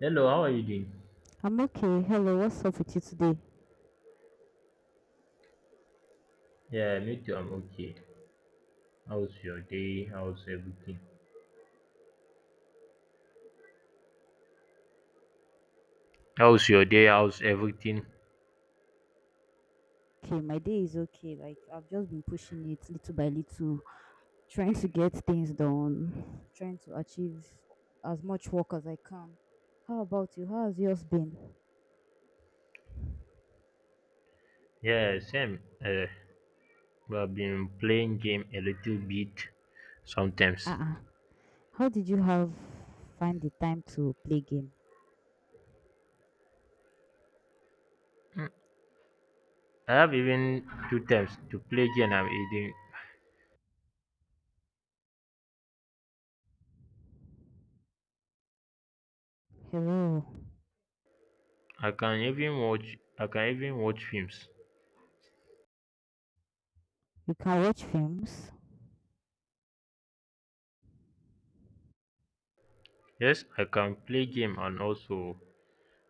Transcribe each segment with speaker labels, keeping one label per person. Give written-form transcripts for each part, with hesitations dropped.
Speaker 1: Hello, how are you doing?
Speaker 2: I'm okay. Hello, what's up with you today?
Speaker 1: Yeah, me too. I'm okay. How's your day? How's everything? How's your day? How's everything?
Speaker 2: Okay, my day is okay. Like I've just been pushing it little by little, trying to get things done, trying to achieve as much work as I can. How about you? How has yours been?
Speaker 1: Yeah, same. We have been playing game a little bit sometimes.
Speaker 2: Uh-uh. How did you have find the time to play game?
Speaker 1: I have even two times to play game. I'm eating.
Speaker 2: Hello.
Speaker 1: I can even watch. I can even watch films.
Speaker 2: You can watch films.
Speaker 1: Yes, I can play game and also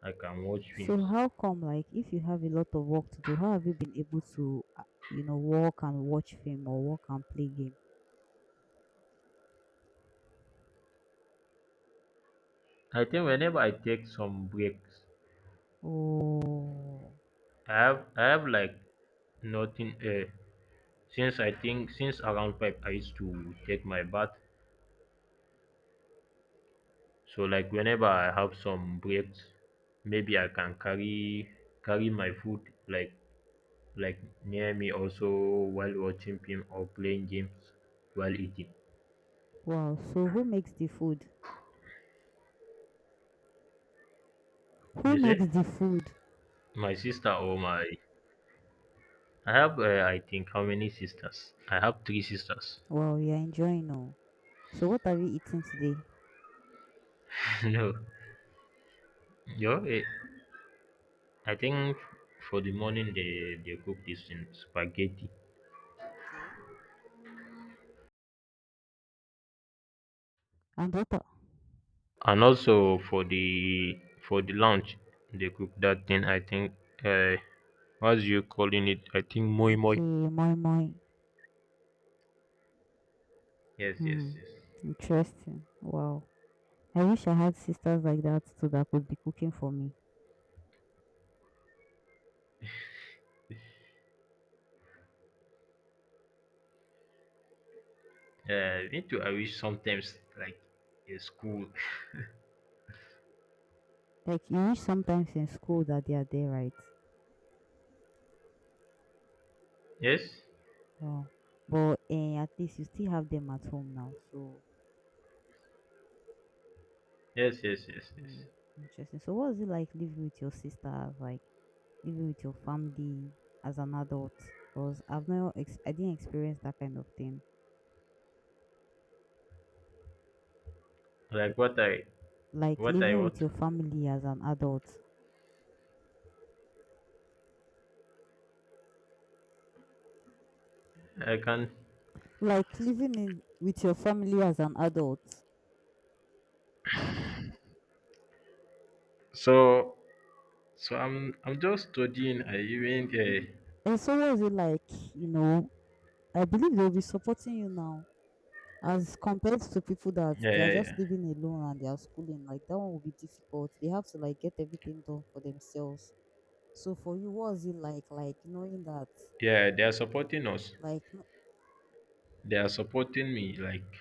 Speaker 1: I can watch
Speaker 2: So
Speaker 1: films.
Speaker 2: how come like if you have a lot of work to do, how have you been able to walk and watch film or walk and play game?
Speaker 1: I think whenever I take some breaks,
Speaker 2: Oh.
Speaker 1: I have like nothing. Since I think since around 5 I used to take my bath. So like whenever I have some breaks, maybe I can carry my food, like, like near me also, while watching film or playing games while eating.
Speaker 2: Wow! So who makes the food? Who
Speaker 1: You
Speaker 2: makes
Speaker 1: see?
Speaker 2: the food?
Speaker 1: My sister or my, I have, I think, how many sisters? I have three sisters.
Speaker 2: Wow, you're enjoying oh. So what have you eaten today?
Speaker 1: No. Yo, I think for the morning they cook this in spaghetti.
Speaker 2: Okay. And what?
Speaker 1: And also for the lunch they cook that thing, I think, uh what's you calling it? I think moi moi.
Speaker 2: Okay, moi moi.
Speaker 1: Yes, yes,
Speaker 2: Hmm.
Speaker 1: yes.
Speaker 2: Interesting. Wow. I wish I had sisters like that too that could be cooking for me.
Speaker 1: Me too, I wish sometimes like a school.
Speaker 2: Like you wish sometimes in school that they are there, right?
Speaker 1: Yes?
Speaker 2: Wow. But at least you still have them at home now. So
Speaker 1: Yes, yes, yes,
Speaker 2: hmm.
Speaker 1: yes.
Speaker 2: interesting. So what was it like living with your sisters? Like living with your family as an adult, because I've not ex- I didn't experience that kind of thing.
Speaker 1: Like what I
Speaker 2: Like
Speaker 1: what I
Speaker 2: living with
Speaker 1: want,
Speaker 2: your family as an adult.
Speaker 1: I can,
Speaker 2: Like living in with your family as an adult.
Speaker 1: so so I'm just studying, I even,
Speaker 2: And so what is it like, you know, I believe they'll be supporting you now as compared to people that
Speaker 1: yeah,
Speaker 2: they are
Speaker 1: yeah,
Speaker 2: just
Speaker 1: yeah.
Speaker 2: living alone and they are schooling. Like that one will be difficult. They have to like get everything done for themselves. So for you, what was it like knowing that,
Speaker 1: Yeah, they are supporting us.
Speaker 2: like,
Speaker 1: They are supporting me like,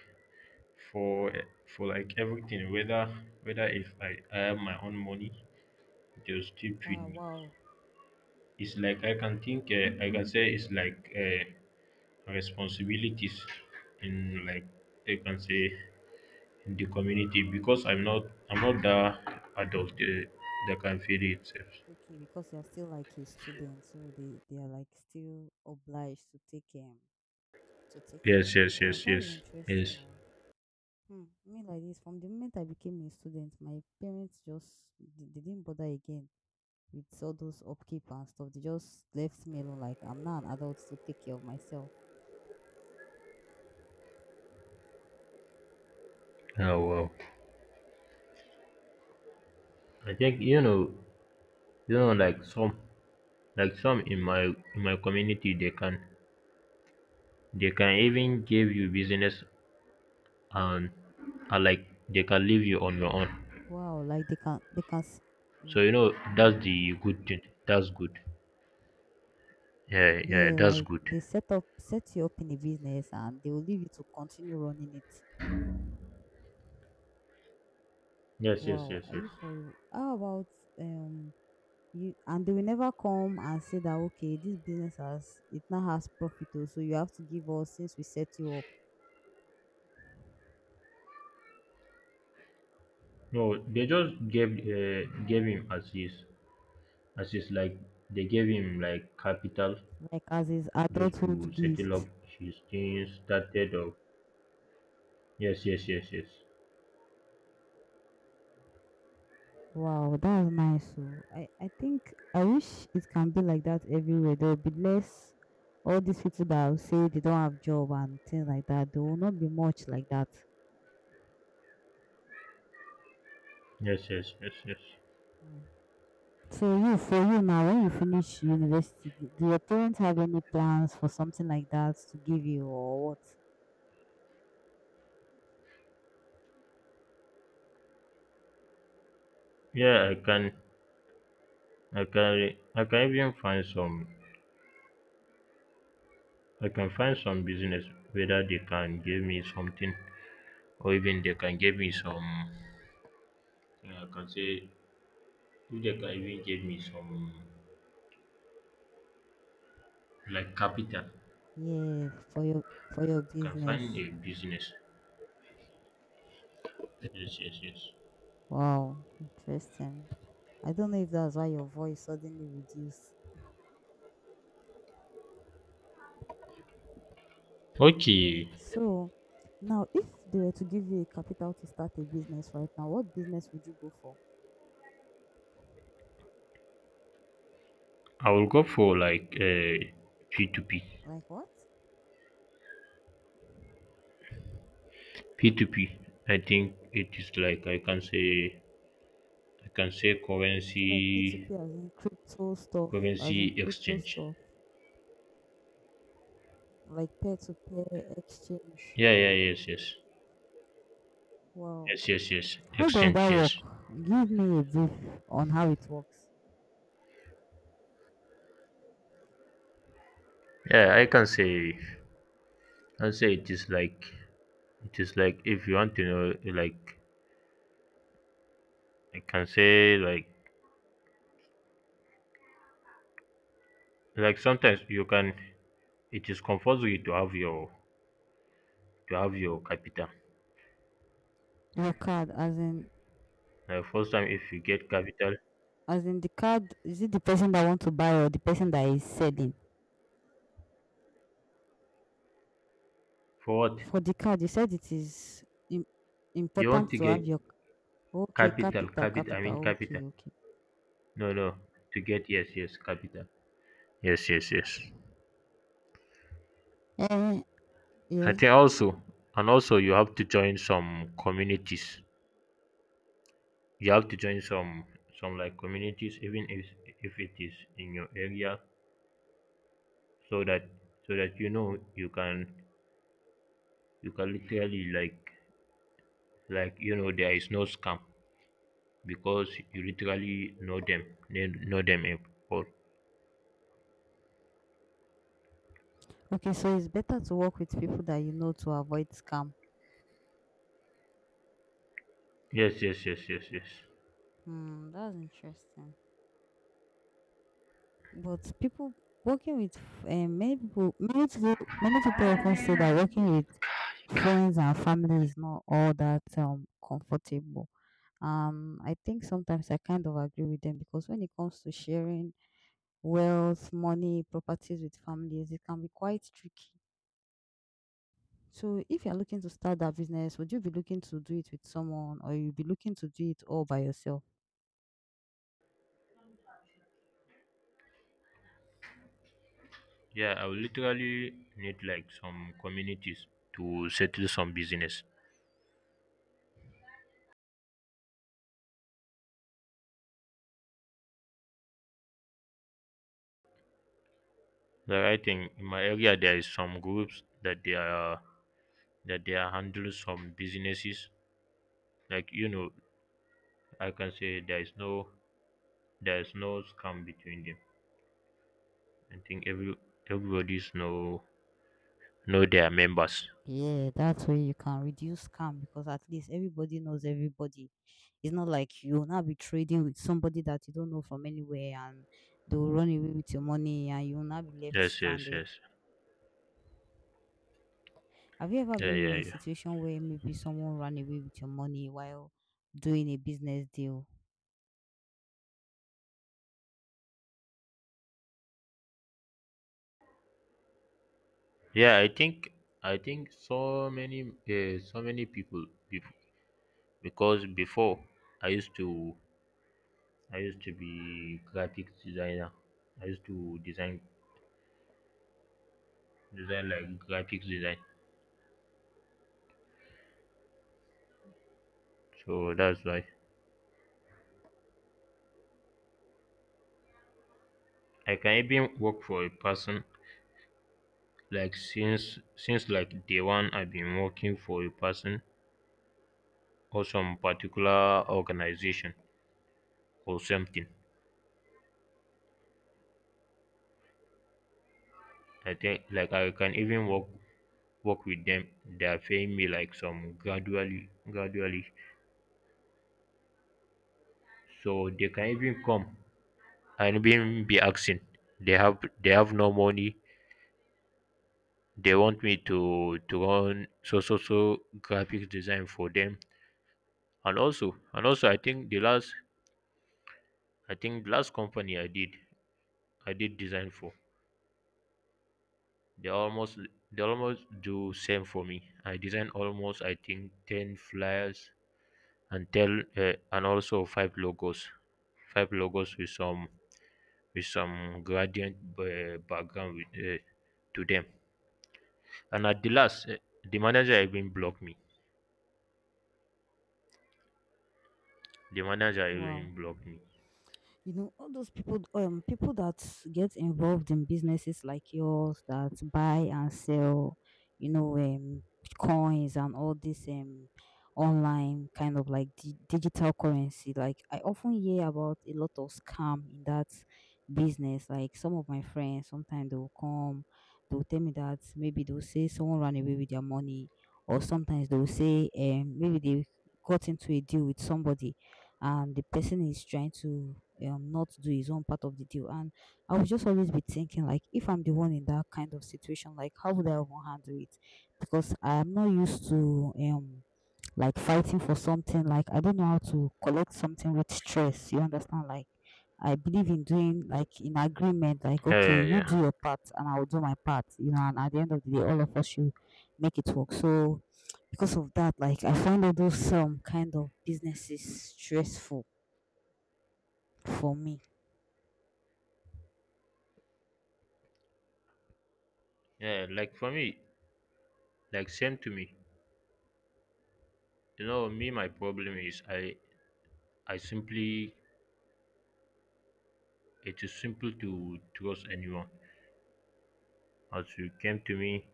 Speaker 1: for for like everything, whether if, I have my own money, they'll still
Speaker 2: ah,
Speaker 1: feed me.
Speaker 2: wow.
Speaker 1: It's like I can think, I can say it's like, responsibilities, in, like I can say, in the community, because I'm not the adult, that can feed itself.
Speaker 2: Okay, because they are still like a student, so they are like still obliged to take care of
Speaker 1: Yes,
Speaker 2: you.
Speaker 1: yes,
Speaker 2: Wow,
Speaker 1: yes,
Speaker 2: that's
Speaker 1: yes,
Speaker 2: interesting.
Speaker 1: yes.
Speaker 2: Oh, hmm. I mean, like this, from the moment I became a student, my parents just they didn't bother again with all those upkeep and stuff. They just left me alone. Like I'm now an adult to take care of myself.
Speaker 1: Oh wow. I think, like some, in my, community they can even give you business, and and like, they can leave you on your own.
Speaker 2: Wow, like
Speaker 1: So
Speaker 2: mm,
Speaker 1: you know that's the good thing. That's good. Yeah, yeah,
Speaker 2: yeah,
Speaker 1: that's
Speaker 2: like
Speaker 1: good.
Speaker 2: they set you up in a business and they will leave you to continue running it.
Speaker 1: Yes, yes,
Speaker 2: Wow,
Speaker 1: yes,
Speaker 2: are
Speaker 1: yes.
Speaker 2: you for real? How about um? you and they will never come and say that, okay, this business has it now, has profit oh, so you have to give us since we set you up,
Speaker 1: No, they just gave him as his, like, they gave him like capital,
Speaker 2: like as his
Speaker 1: just
Speaker 2: adulthood
Speaker 1: to settle
Speaker 2: gift.
Speaker 1: up his things. Started up. Yes, yes, yes, yes,
Speaker 2: Wow, that's nice. So I think I wish it can be like that everywhere. There will be less, all these people that will say they don't have job and things like that. There will not be much like that.
Speaker 1: yes, yes, yes, yes.
Speaker 2: Mm. So you, for you now, when you finish university, do your parents have any plans for something like that to give you or what?
Speaker 1: Yeah, I can even find some. I can find some business, whether they can give me something, or even they can give me some, I can say, if they can even give me some like capital,
Speaker 2: Yeah, for your
Speaker 1: I can find
Speaker 2: business.
Speaker 1: a business. Yes, yes, yes.
Speaker 2: Wow, interesting. I don't know if that's why your voice suddenly reduced.
Speaker 1: Okay,
Speaker 2: So, now if they were to give you a capital to start a business right now, what business would you go for?
Speaker 1: I will go for like, P2P.
Speaker 2: Like what?
Speaker 1: P2P, I think it is like, I can say, I can say
Speaker 2: Like
Speaker 1: currency
Speaker 2: P2P, as in crypto stuff, as in
Speaker 1: currency
Speaker 2: crypto
Speaker 1: exchange.
Speaker 2: stuff, like peer-to-peer exchange.
Speaker 1: Yeah, yeah, yes, yes.
Speaker 2: Wow.
Speaker 1: Yes, yes, yes.
Speaker 2: How does
Speaker 1: Exchange,
Speaker 2: that
Speaker 1: yes.
Speaker 2: work? Give me a brief on how it works.
Speaker 1: Yeah, I can say, it is like, if you want to know, like, I can say, like, sometimes you can, it is compulsory to have your, capital.
Speaker 2: Your card, as in,
Speaker 1: Like first time if you get capital.
Speaker 2: as in the card, is it the person that want to buy or the person that is selling?
Speaker 1: For what?
Speaker 2: For the card, you said it is im
Speaker 1: You want
Speaker 2: important
Speaker 1: to
Speaker 2: to have
Speaker 1: get
Speaker 2: your, okay,
Speaker 1: capital,
Speaker 2: capital,
Speaker 1: I mean,
Speaker 2: capital.
Speaker 1: capital.
Speaker 2: Okay, okay.
Speaker 1: No, no, to get, yes, yes, capital. Yes, yes, yes.
Speaker 2: Eh,
Speaker 1: I
Speaker 2: yeah.
Speaker 1: think, also and also, you have to join some communities. You have to join, some like communities, even, if it is in your area, so that, you know, you can, literally, like, there is no scam, because you literally know them, need know them, in all.
Speaker 2: Okay, so it's better to work with people that you know to avoid scam.
Speaker 1: Yes, yes, yes, yes, yes.
Speaker 2: Hmm, that's interesting. But people working with, many people often say that working with friends and family is not all that comfortable. I think sometimes I kind of agree with them, because when it comes to sharing wealth, money, properties with families, it can be quite tricky. So, if you're looking to start that business, would you be looking to do it with someone, or you'll be looking to do it all by yourself?
Speaker 1: Yeah, I will literally need like some communities to settle some business, like I think in my area there is some groups that they are, handling some businesses. Like, I can say there is no, scam between them. I think, everybody's know, their members.
Speaker 2: Yeah, that's where you can reduce scam, because at least everybody knows everybody. It's not like you'll now be trading with somebody that you don't know from anywhere and they'll run away with your money and you'll now be left
Speaker 1: Yes, yes,
Speaker 2: stranded.
Speaker 1: yes.
Speaker 2: Have you ever
Speaker 1: Yeah,
Speaker 2: been
Speaker 1: yeah,
Speaker 2: in a
Speaker 1: yeah,
Speaker 2: situation where maybe someone ran away with your money while doing a business deal?
Speaker 1: yeah. I think, so many, so many people, bef- because before, i used to I used to be graphics designer. I used to design, like graphics design. So that's why I can even work for a person, like, since like day one I've been working for a person, or some particular organization, or something. I think, like, I can even work, with them. They're paying me like some, gradually, gradually. So they can even come and even be asking. They have, no money. They want me, to run, so graphics design for them. And also, I think the last, company I did, design for, they almost, do same for me. I design, almost I think 10 flyers, and tell and also five logos, with some, gradient, background with, to them. And at the last, the manager even blocked me. The manager
Speaker 2: Wow.
Speaker 1: even blocked me.
Speaker 2: You know, all those people, people that get involved in businesses like yours, that buy and sell, you know, coins and all this online kind of like digital currency, like I often hear about a lot of scam in that business. Like some of my friends sometimes they'll come, they'll tell me that maybe they'll say someone ran away with their money, or sometimes they'll say maybe they got into a deal with somebody and the person is trying to not do his own part of the deal. And I would just always be thinking, like, if I'm the one in that kind of situation, like, how would I even handle it? Because I'm not used to like fighting for something, like I don't know how to collect something with stress. You understand? Like I believe in doing like in agreement, like
Speaker 1: Yeah,
Speaker 2: okay,
Speaker 1: yeah,
Speaker 2: you
Speaker 1: yeah,
Speaker 2: do your part and I will do my part, you know, and at the end of the day all of us should make it work. So because of that, like I find all those kind of businesses stressful for me.
Speaker 1: yeah. Like for me, like same to me. Me, my problem is, I simply, it is simple to trust anyone. As you came to me,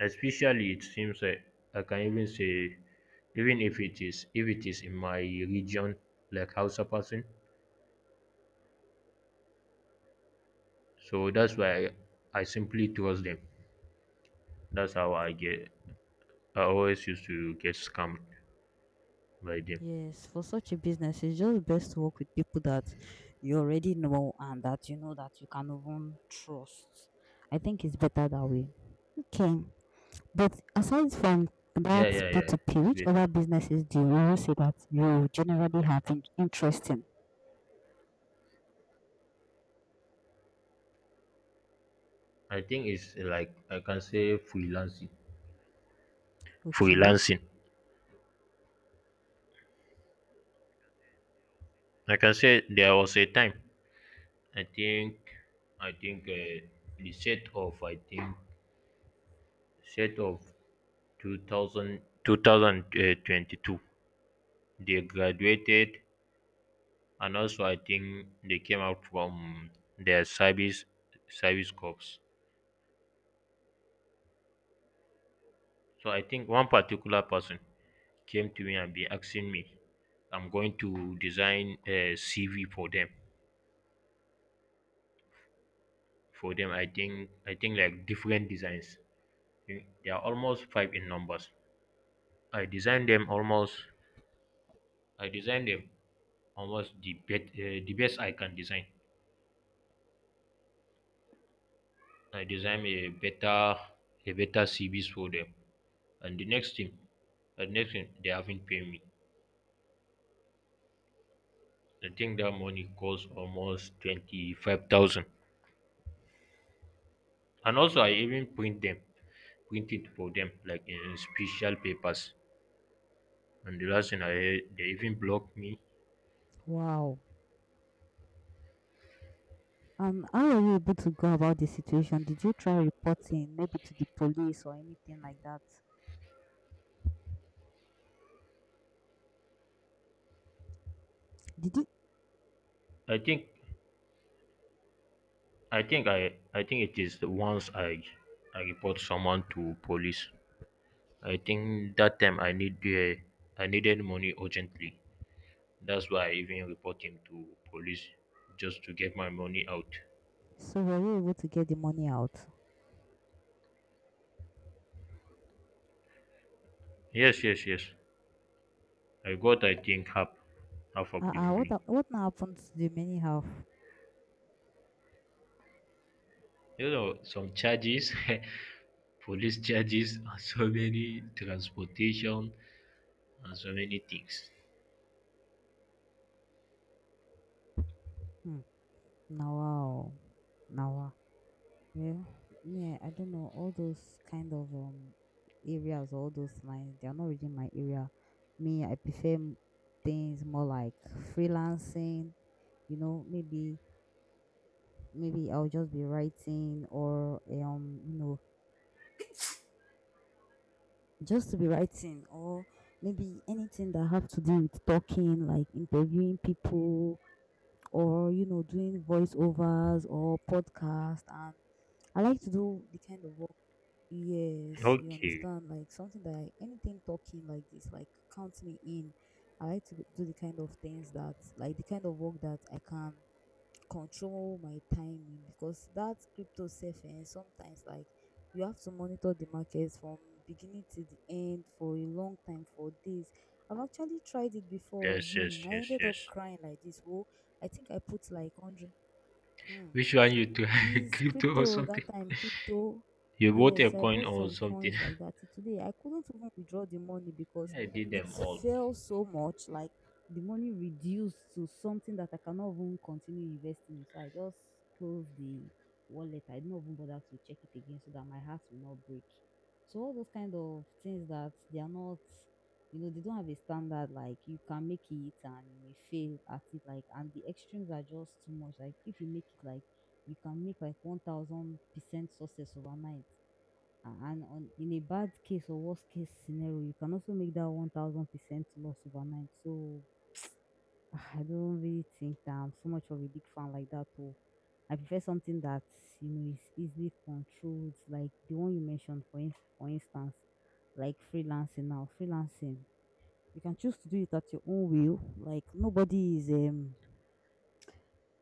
Speaker 1: especially it seems like I can even say, even if it is, in my region, like Hausa person. So that's why, I simply trust them. That's how I get. I always used to get scammed by them.
Speaker 2: Yes, for such a business, it's just best to work with people that you already know and that you know that you can even trust. I think it's better that way. Okay, but aside from that
Speaker 1: Yeah, yeah, yeah.
Speaker 2: P2P,
Speaker 1: It's
Speaker 2: which
Speaker 1: better.
Speaker 2: other businesses do you see that you generally have interest in?
Speaker 1: I think it's like I can say, freelancing.
Speaker 2: Okay.
Speaker 1: Freelancing. I can say there was a time. I think. I think uh, the set of, I think, set of 2000 two thousand twenty-two. They graduated, and also I think they came out from their, service corps. So I think one particular person came to me and been asking me, I'm going to design a CV for them, I think, like different designs. Mm, they are almost five in numbers. I designed them almost, i designed them the the best I can design. I designed a better, CVs for them. And the next thing, they haven't paid me. I think that money costs almost 25,000. And also I even print them, printed for them like in special papers. And the last thing I heard, they even blocked me.
Speaker 2: Wow. And how are you able to go about the situation? Did you try reporting maybe to the police or anything like that? Did you?
Speaker 1: I think, I think it is, the once, I report someone to police. I think that time, I needed money urgently. That's why I even report him to police, just to get my money out.
Speaker 2: So were you able to get the money out?
Speaker 1: Yes, yes, yes. I got, I think, half, of the
Speaker 2: What
Speaker 1: money.
Speaker 2: what now happened to the money? How?
Speaker 1: Some charges police charges and so many transportation and so many things.
Speaker 2: Hmm. Nawa, oh. Nawa. Well, yeah, I don't know. All those kind of areas, or all those lines, they are not really my area. Me, I prefer things more like freelancing. You know, maybe I'll just be writing or you know, just to be writing, or maybe anything that have to do with talking, like interviewing people, or, you know, doing voiceovers or podcast, and I like to do the kind of work. Yes, you
Speaker 1: Okay.
Speaker 2: understand. Like something that I, anything talking like this, like, count me in. I like to do the kind of things that, like the kind of work that I can control my timing, because that crypto saving sometimes, like, you have to monitor the markets from beginning to the end for a long time, for days. I've actually tried it before.
Speaker 1: Yes,
Speaker 2: Hmm,
Speaker 1: yes,
Speaker 2: I
Speaker 1: yes,
Speaker 2: ended up
Speaker 1: yes.
Speaker 2: crying like this. Oh, I think I put like hundred. Hmm.
Speaker 1: Which one you do?
Speaker 2: Is
Speaker 1: Crypto or
Speaker 2: crypto, that
Speaker 1: something?
Speaker 2: time, crypto?
Speaker 1: You bought a
Speaker 2: Yes, I
Speaker 1: coin
Speaker 2: bought
Speaker 1: or
Speaker 2: some
Speaker 1: something?
Speaker 2: coins like that. Till today I couldn't even withdraw the money, because
Speaker 1: Yeah, I did
Speaker 2: it
Speaker 1: them all.
Speaker 2: fell so much. Like the money reduced to something that I cannot even continue investing in. So I just closed the wallet. I didn't even bother to check it again so that my heart will not break. So all those kind of things that they are not, you know, they don't have a standard. Like you can make it and you may fail at it. Like, and the extremes are just too much. Like if you make it, like you can make like 1000% success overnight. And on, in a bad case or worst case scenario, you can also make that 1000% loss overnight. So I don't really think that I'm so much of a big fan like that. Or I prefer something that, you know, is easily controlled, like the one you mentioned, for instance, like freelancing now. Freelancing, you can choose to do it at your own will. Like nobody is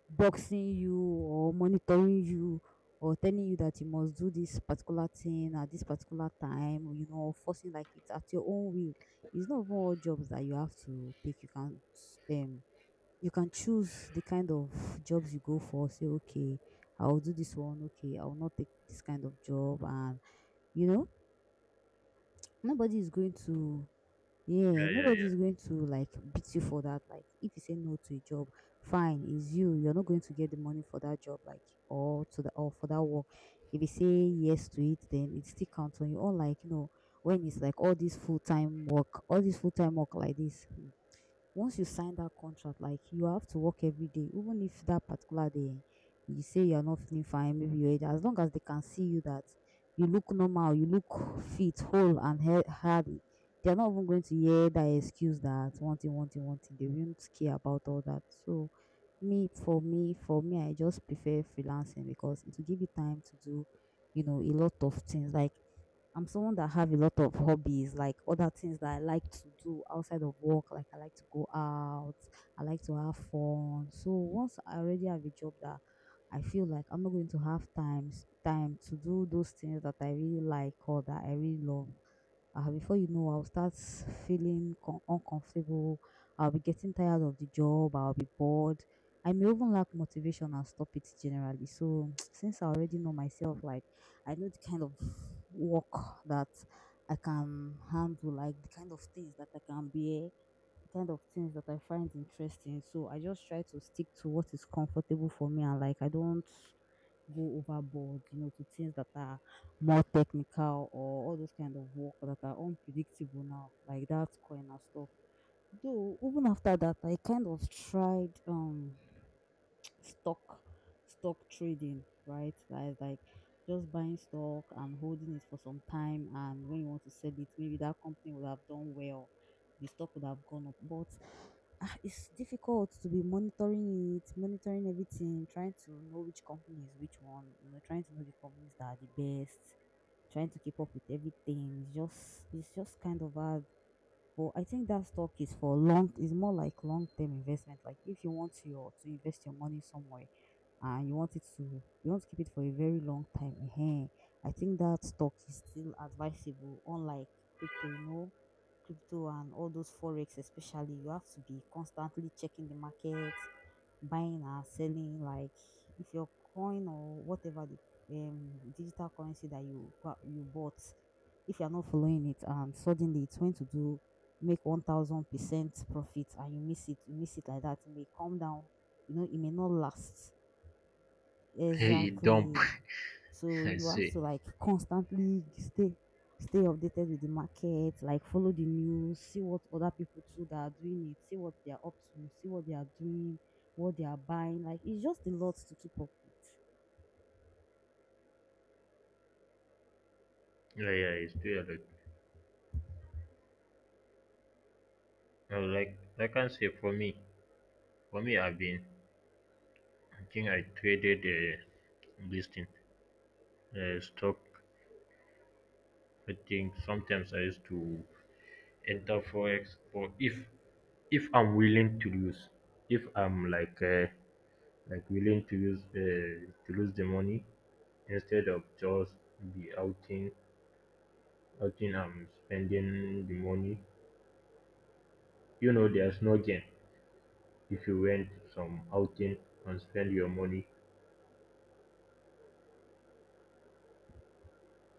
Speaker 2: boxing you or monitoring you or telling you that you must do this particular thing at this particular time, you know, forcing, like, it's at your own will. It's not even all jobs that you have to take. Um you can choose the kind of jobs you go for. Say, okay, I'll do this one. Okay, I will not take this kind of job, and, you know, nobody is going to yeah,
Speaker 1: Yeah, yeah, yeah.
Speaker 2: nobody's going to like beat you for that. Like, if you say no to a job, fine, it's you. You're not going to get the money for that job, like, or to the or for that work. If you say yes to it, then it still counts on you. Or like, when it's like all this full time work, all this full time work like this. Once you sign that contract, like you have to work every day, even if that particular day you say you are not feeling fine, maybe you are. As long as they can see you that you look normal, you look fit, whole, and healthy, they're not even going to hear that excuse that one thing, one thing, one thing. They won't care about all that. So, for me, I just prefer freelancing because it will give you time to do, a lot of things. Like I'm someone that have a lot of hobbies, like other things that I like to do outside of work. Like I like to go out, I like to have fun. So once I already have a job that I feel like I'm not going to have time to do those things that I really like or that I really love. Before you know, I'll start feeling uncomfortable. I'll be getting tired of the job. I'll be bored. I may even lack motivation and stop it generally. So, since I already know myself, like I know the kind of work that I can handle, like the kind of things that I can bear, the kind of things that I find interesting. So, I just try to stick to what is comfortable for me and like I don't go overboard, to things that are more technical or all those kind of work that are unpredictable now, like that coin and stuff. Though even after that, I kind of tried. Stock stock trading, right? That is like just buying stock and holding it for some time and when you want to sell it, maybe that company would have done well. The stock would have gone up. But it's difficult to be monitoring it, monitoring everything, trying to know which company is which one, you know, trying to know the companies that are the best, trying to keep up with everything. It's just kind of hard. But I think that stock is for long. It's more like long-term investment. Like if you want your to invest your money somewhere and you want to keep it for a very long time. I think that stock is still advisable, unlike crypto, crypto and all those forex especially, you have to be constantly checking the market, buying and selling. Like if your coin or whatever the digital currency that you bought, if you're not following it and suddenly it's going to do make 1000% profit and you miss it like that, it may come down, you know it may not last.
Speaker 1: Hey, it dump.
Speaker 2: Exactly. So
Speaker 1: I
Speaker 2: you have
Speaker 1: see.
Speaker 2: to like constantly stay updated with the market, like follow the news, see what other people too that are doing it, see what they are up to, see what they are doing, what they are buying. Like it's just a lot to keep up with.
Speaker 1: Yeah, yeah, it's too early. No, like, I can't say for me, I've been. I think I traded, this thing, stock. I think sometimes I used to enter forex, or, if I'm willing to lose, if I'm like. Like willing to use, to lose the money, instead of just be outing, and spending the money. There's no gain if you went some outing and spend your money,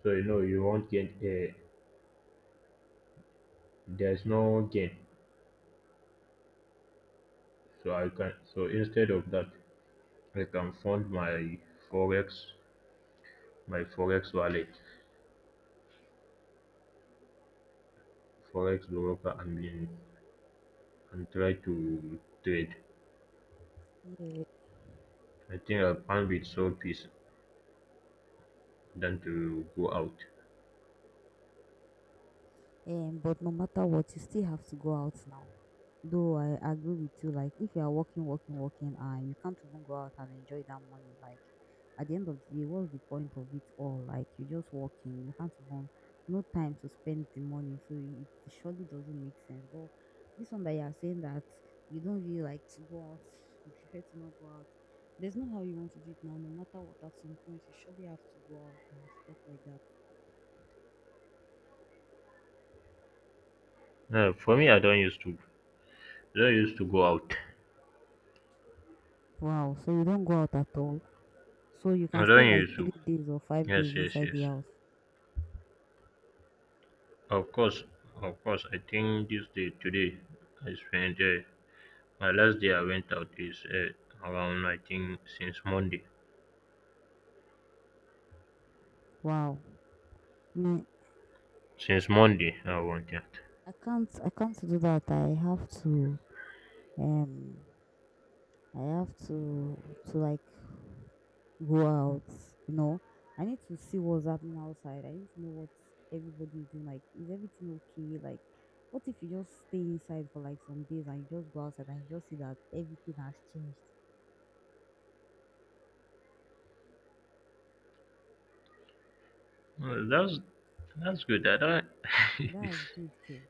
Speaker 1: so, you won't get, there's no gain. So I can, so instead of that I can fund my forex, wallet, forex broker, and been, and try to trade.
Speaker 2: Yeah.
Speaker 1: I think I found it so peace than to go out.
Speaker 2: But no matter what, you still have to go out now. Though I agree with you, like if you are working, working, working, and you can't even go out and enjoy that money, like at the end of the day, what's the point of it all? Like you're just working, you can't even no time to spend the money, so it surely doesn't make sense. But this one that you are saying that you don't really like to go out, you prefer to not go out. There's no how you want to do it now, no matter what. At some point, you surely have to go out and stuff like that.
Speaker 1: No, for me, I don't used to. I don't used to go out.
Speaker 2: Wow, so you don't go out at all? So you can
Speaker 1: I
Speaker 2: stay
Speaker 1: don't
Speaker 2: like
Speaker 1: used
Speaker 2: three
Speaker 1: to.
Speaker 2: days or 5 days
Speaker 1: Yes, yes,
Speaker 2: inside the
Speaker 1: yes.
Speaker 2: house.
Speaker 1: Of course, of course. I think this day today, I spent, my last day I went out is, around, I think, since Monday.
Speaker 2: Wow. Me,
Speaker 1: Since Monday, I went out.
Speaker 2: I can't do that. I have to um I have to like go out, you know. I need to see what's happening outside. I need to know what everybody is doing. Like, is everything okay? Like what if you just stay inside for like some days and you just go outside and you just see that everything has changed?
Speaker 1: Well, that's, good. I don't.
Speaker 2: That's good, K.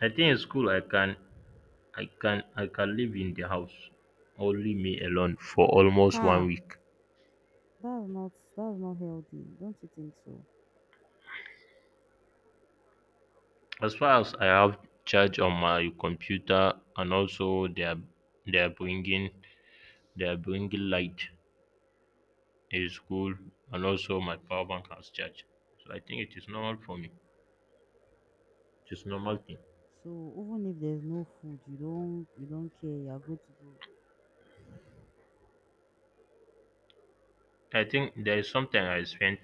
Speaker 1: I think in school, I can live in the house, only me alone for almost one
Speaker 2: Ha!
Speaker 1: week.
Speaker 2: That's not healthy. Don't you think so?
Speaker 1: As far as I have charge on my computer, and also they are, they are bringing they are bringing light, is cool, and also my power bank has charge. So I think it is normal for me. It is normal thing.
Speaker 2: So even if there's no food, you don't care. You're good to go.
Speaker 1: I think there is something, I spent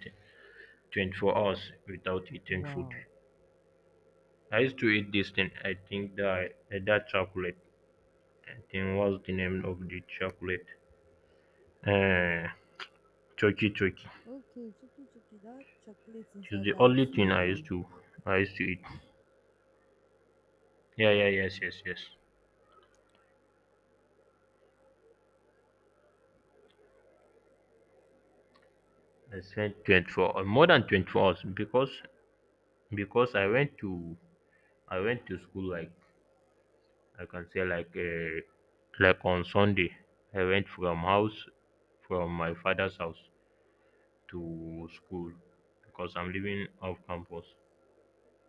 Speaker 1: 24 hours without eating food.
Speaker 2: Wow.
Speaker 1: I used to eat this thing, I think, that chocolate. I think, what's the name of the chocolate? Uh, turkey turkey.
Speaker 2: Okay, chuki chuki, that chocolate
Speaker 1: It's
Speaker 2: inside
Speaker 1: the
Speaker 2: that
Speaker 1: only thing I used
Speaker 2: nylon
Speaker 1: to, eat. Yeah, yeah, yes, yes, yes. I spent 24 more than 24 hours, because, I went to, school, like I can say, like, like on Sunday I went from, house from my father's house to school, because I'm living off campus.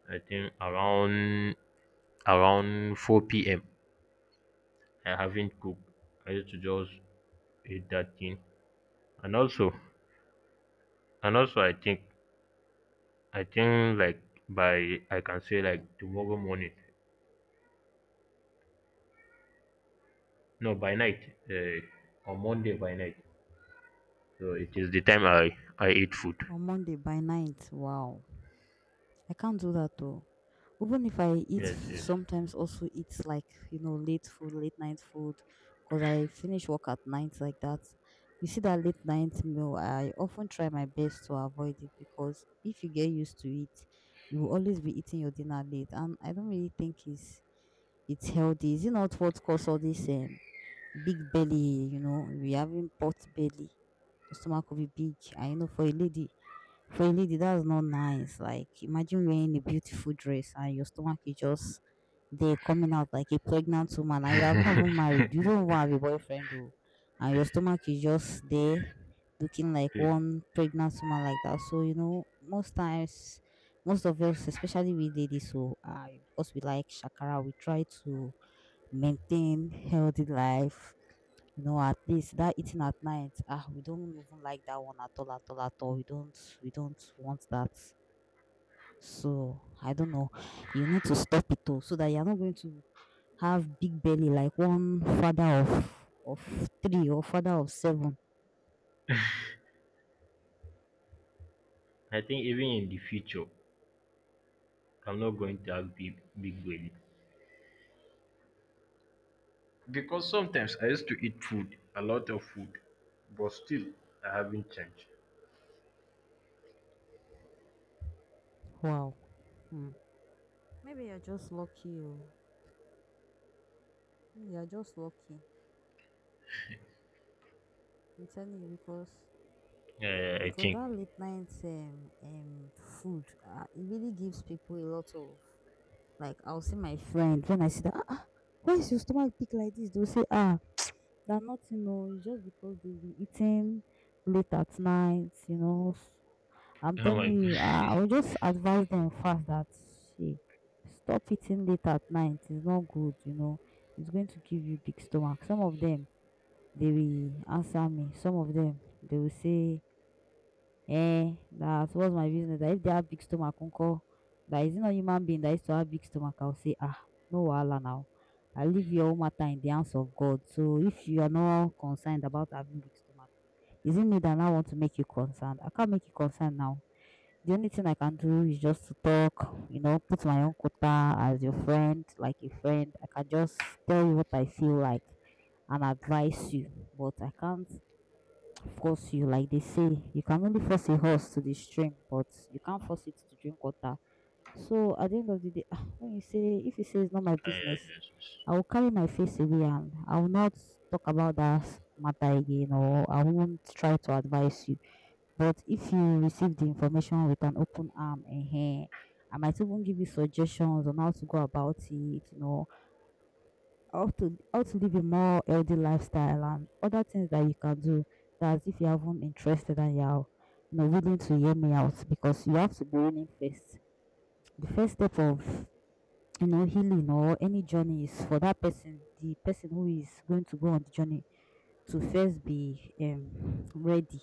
Speaker 1: I think around, 4 p.m. I haven't cooked. I used to just eat that thing. And also, I think, like by, I can say, like tomorrow morning. No, by night. Uh, on Monday by night. So it is the time, I eat food.
Speaker 2: on Monday by night. Wow. I can't do that though. Even if I eat,
Speaker 1: Yes, yes.
Speaker 2: sometimes also eat like, late food, late night food, because I finish work at night like that. You see that late night meal, I often try my best to avoid it because if you get used to it, you will always be eating your dinner late. And I don't really think it's healthy. Is it not what causes all this? Big belly, you know, we having pot belly. Your stomach will be big. And you know, for a lady, that's not nice. Like imagine wearing a beautiful dress and your stomach is just there coming out like a pregnant woman and you have not even married. You don't even have a boyfriend oh. And your stomach is just there looking like
Speaker 1: Please.
Speaker 2: one pregnant woman like that. So, you know, most of us, especially we ladies who are because we like shakara, we try to maintain healthy life. You know, at least that eating at night, ah, we don't even like that one at all, at all, at all. We don't want that. So I don't know. You need to stop it all so that you're not going to have big belly like one father of three or father of seven.
Speaker 1: I think even in the future, I'm not going to have big big belly, because sometimes I used to eat food, a lot of food, but still I haven't changed.
Speaker 2: Wow. Hmm. Maybe you're just lucky. Oh. Mm, you're just lucky. I'm telling you because
Speaker 1: Yeah. I
Speaker 2: because
Speaker 1: think.
Speaker 2: that late night food it really gives people a lot of. Like I'll see my friend when I see that, why is your stomach big like this? They'll say, ah, that nothing, no, it's just because they've been eating late at night, you know. I'm
Speaker 1: Oh
Speaker 2: telling
Speaker 1: my god.
Speaker 2: you, I will just advise them fast that she stop eating late at night. It's not good, you know. It's going to give you big stomach. Some of them they will answer me. Some of them they will say eh, that was my business. That if they have big stomach, uncle, that is not human being that used to have big stomach. I'll say, no wahala now. I leave your own matter in the hands of God. So if you are not concerned about having big stomach, is it me that now want to make you concerned? I can't make you concerned now. The only thing I can do is just to talk, you know, put my own quota as your friend, like a friend. I can just tell you what I feel like and advise you, but I can't force you. Like they say, you can only force a horse to the stream but you can't force it to drink water. So at the end of the day, ah, when you say if you say it's not my
Speaker 1: Ah, yeah,
Speaker 2: business,
Speaker 1: yes,
Speaker 2: I
Speaker 1: yes.
Speaker 2: will carry my face away and I will not talk about that matter again, or I won't try to advise you. But if you receive the information with an open arm, ehen, I might even give you suggestions on how to go about it, you know, how to live a more healthy lifestyle and other things that you can do. That if you haven't interested and you're, you know, willing to hear me out because you have to be willing first. The first step of, you know, healing or any journey is for that person, the person who is going to go on the journey to first be ready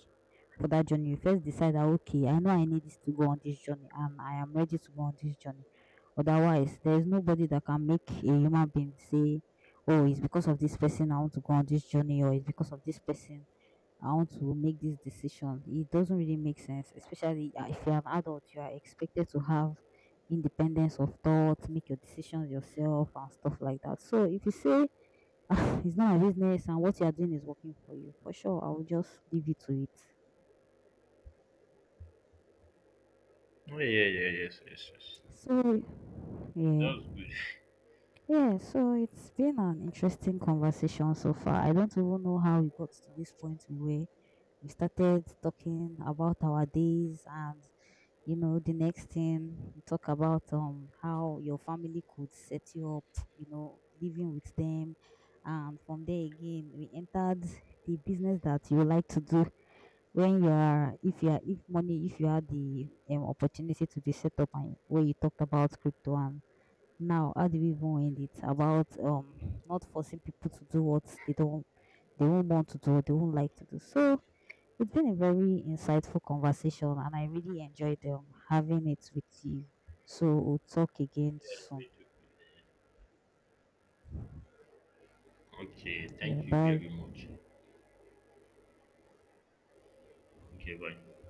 Speaker 2: for that journey. You first decide that okay, I know I need this to go on this journey and I am ready to go on this journey. Otherwise, there is nobody that can make a human being say, oh, it's because of this person I want to go on this journey, or it's because of this person I want to make this decision. It doesn't really make sense, especially if you're an adult, you are expected to have independence of thought, make your decisions yourself, and stuff like that. So, if you say ah, it's not my business and what you are doing is working for you. For sure, I will just leave you to it.
Speaker 1: Oh, yeah, yeah, yes, yes, yes.
Speaker 2: So,
Speaker 1: Well,
Speaker 2: yeah.
Speaker 1: that was good.
Speaker 2: Yeah, so it's been an interesting conversation so far. I don't even know how we got to this point we were. We started talking about our days and you know the next thing we talk about how your family could set you up, you know, living with them, and from there again we entered the business that you like to do when you are if money if you had the opportunity to be set up, and where you talked about crypto, and now how do we even end it about not forcing people to do what they don't they won't want to do or they won't like to do. So it's been a very insightful conversation and I really enjoyed having it with you. So we'll talk again soon.
Speaker 1: Okay,
Speaker 2: Yeah,
Speaker 1: thank you very
Speaker 2: bye.
Speaker 1: much. Okay, bye.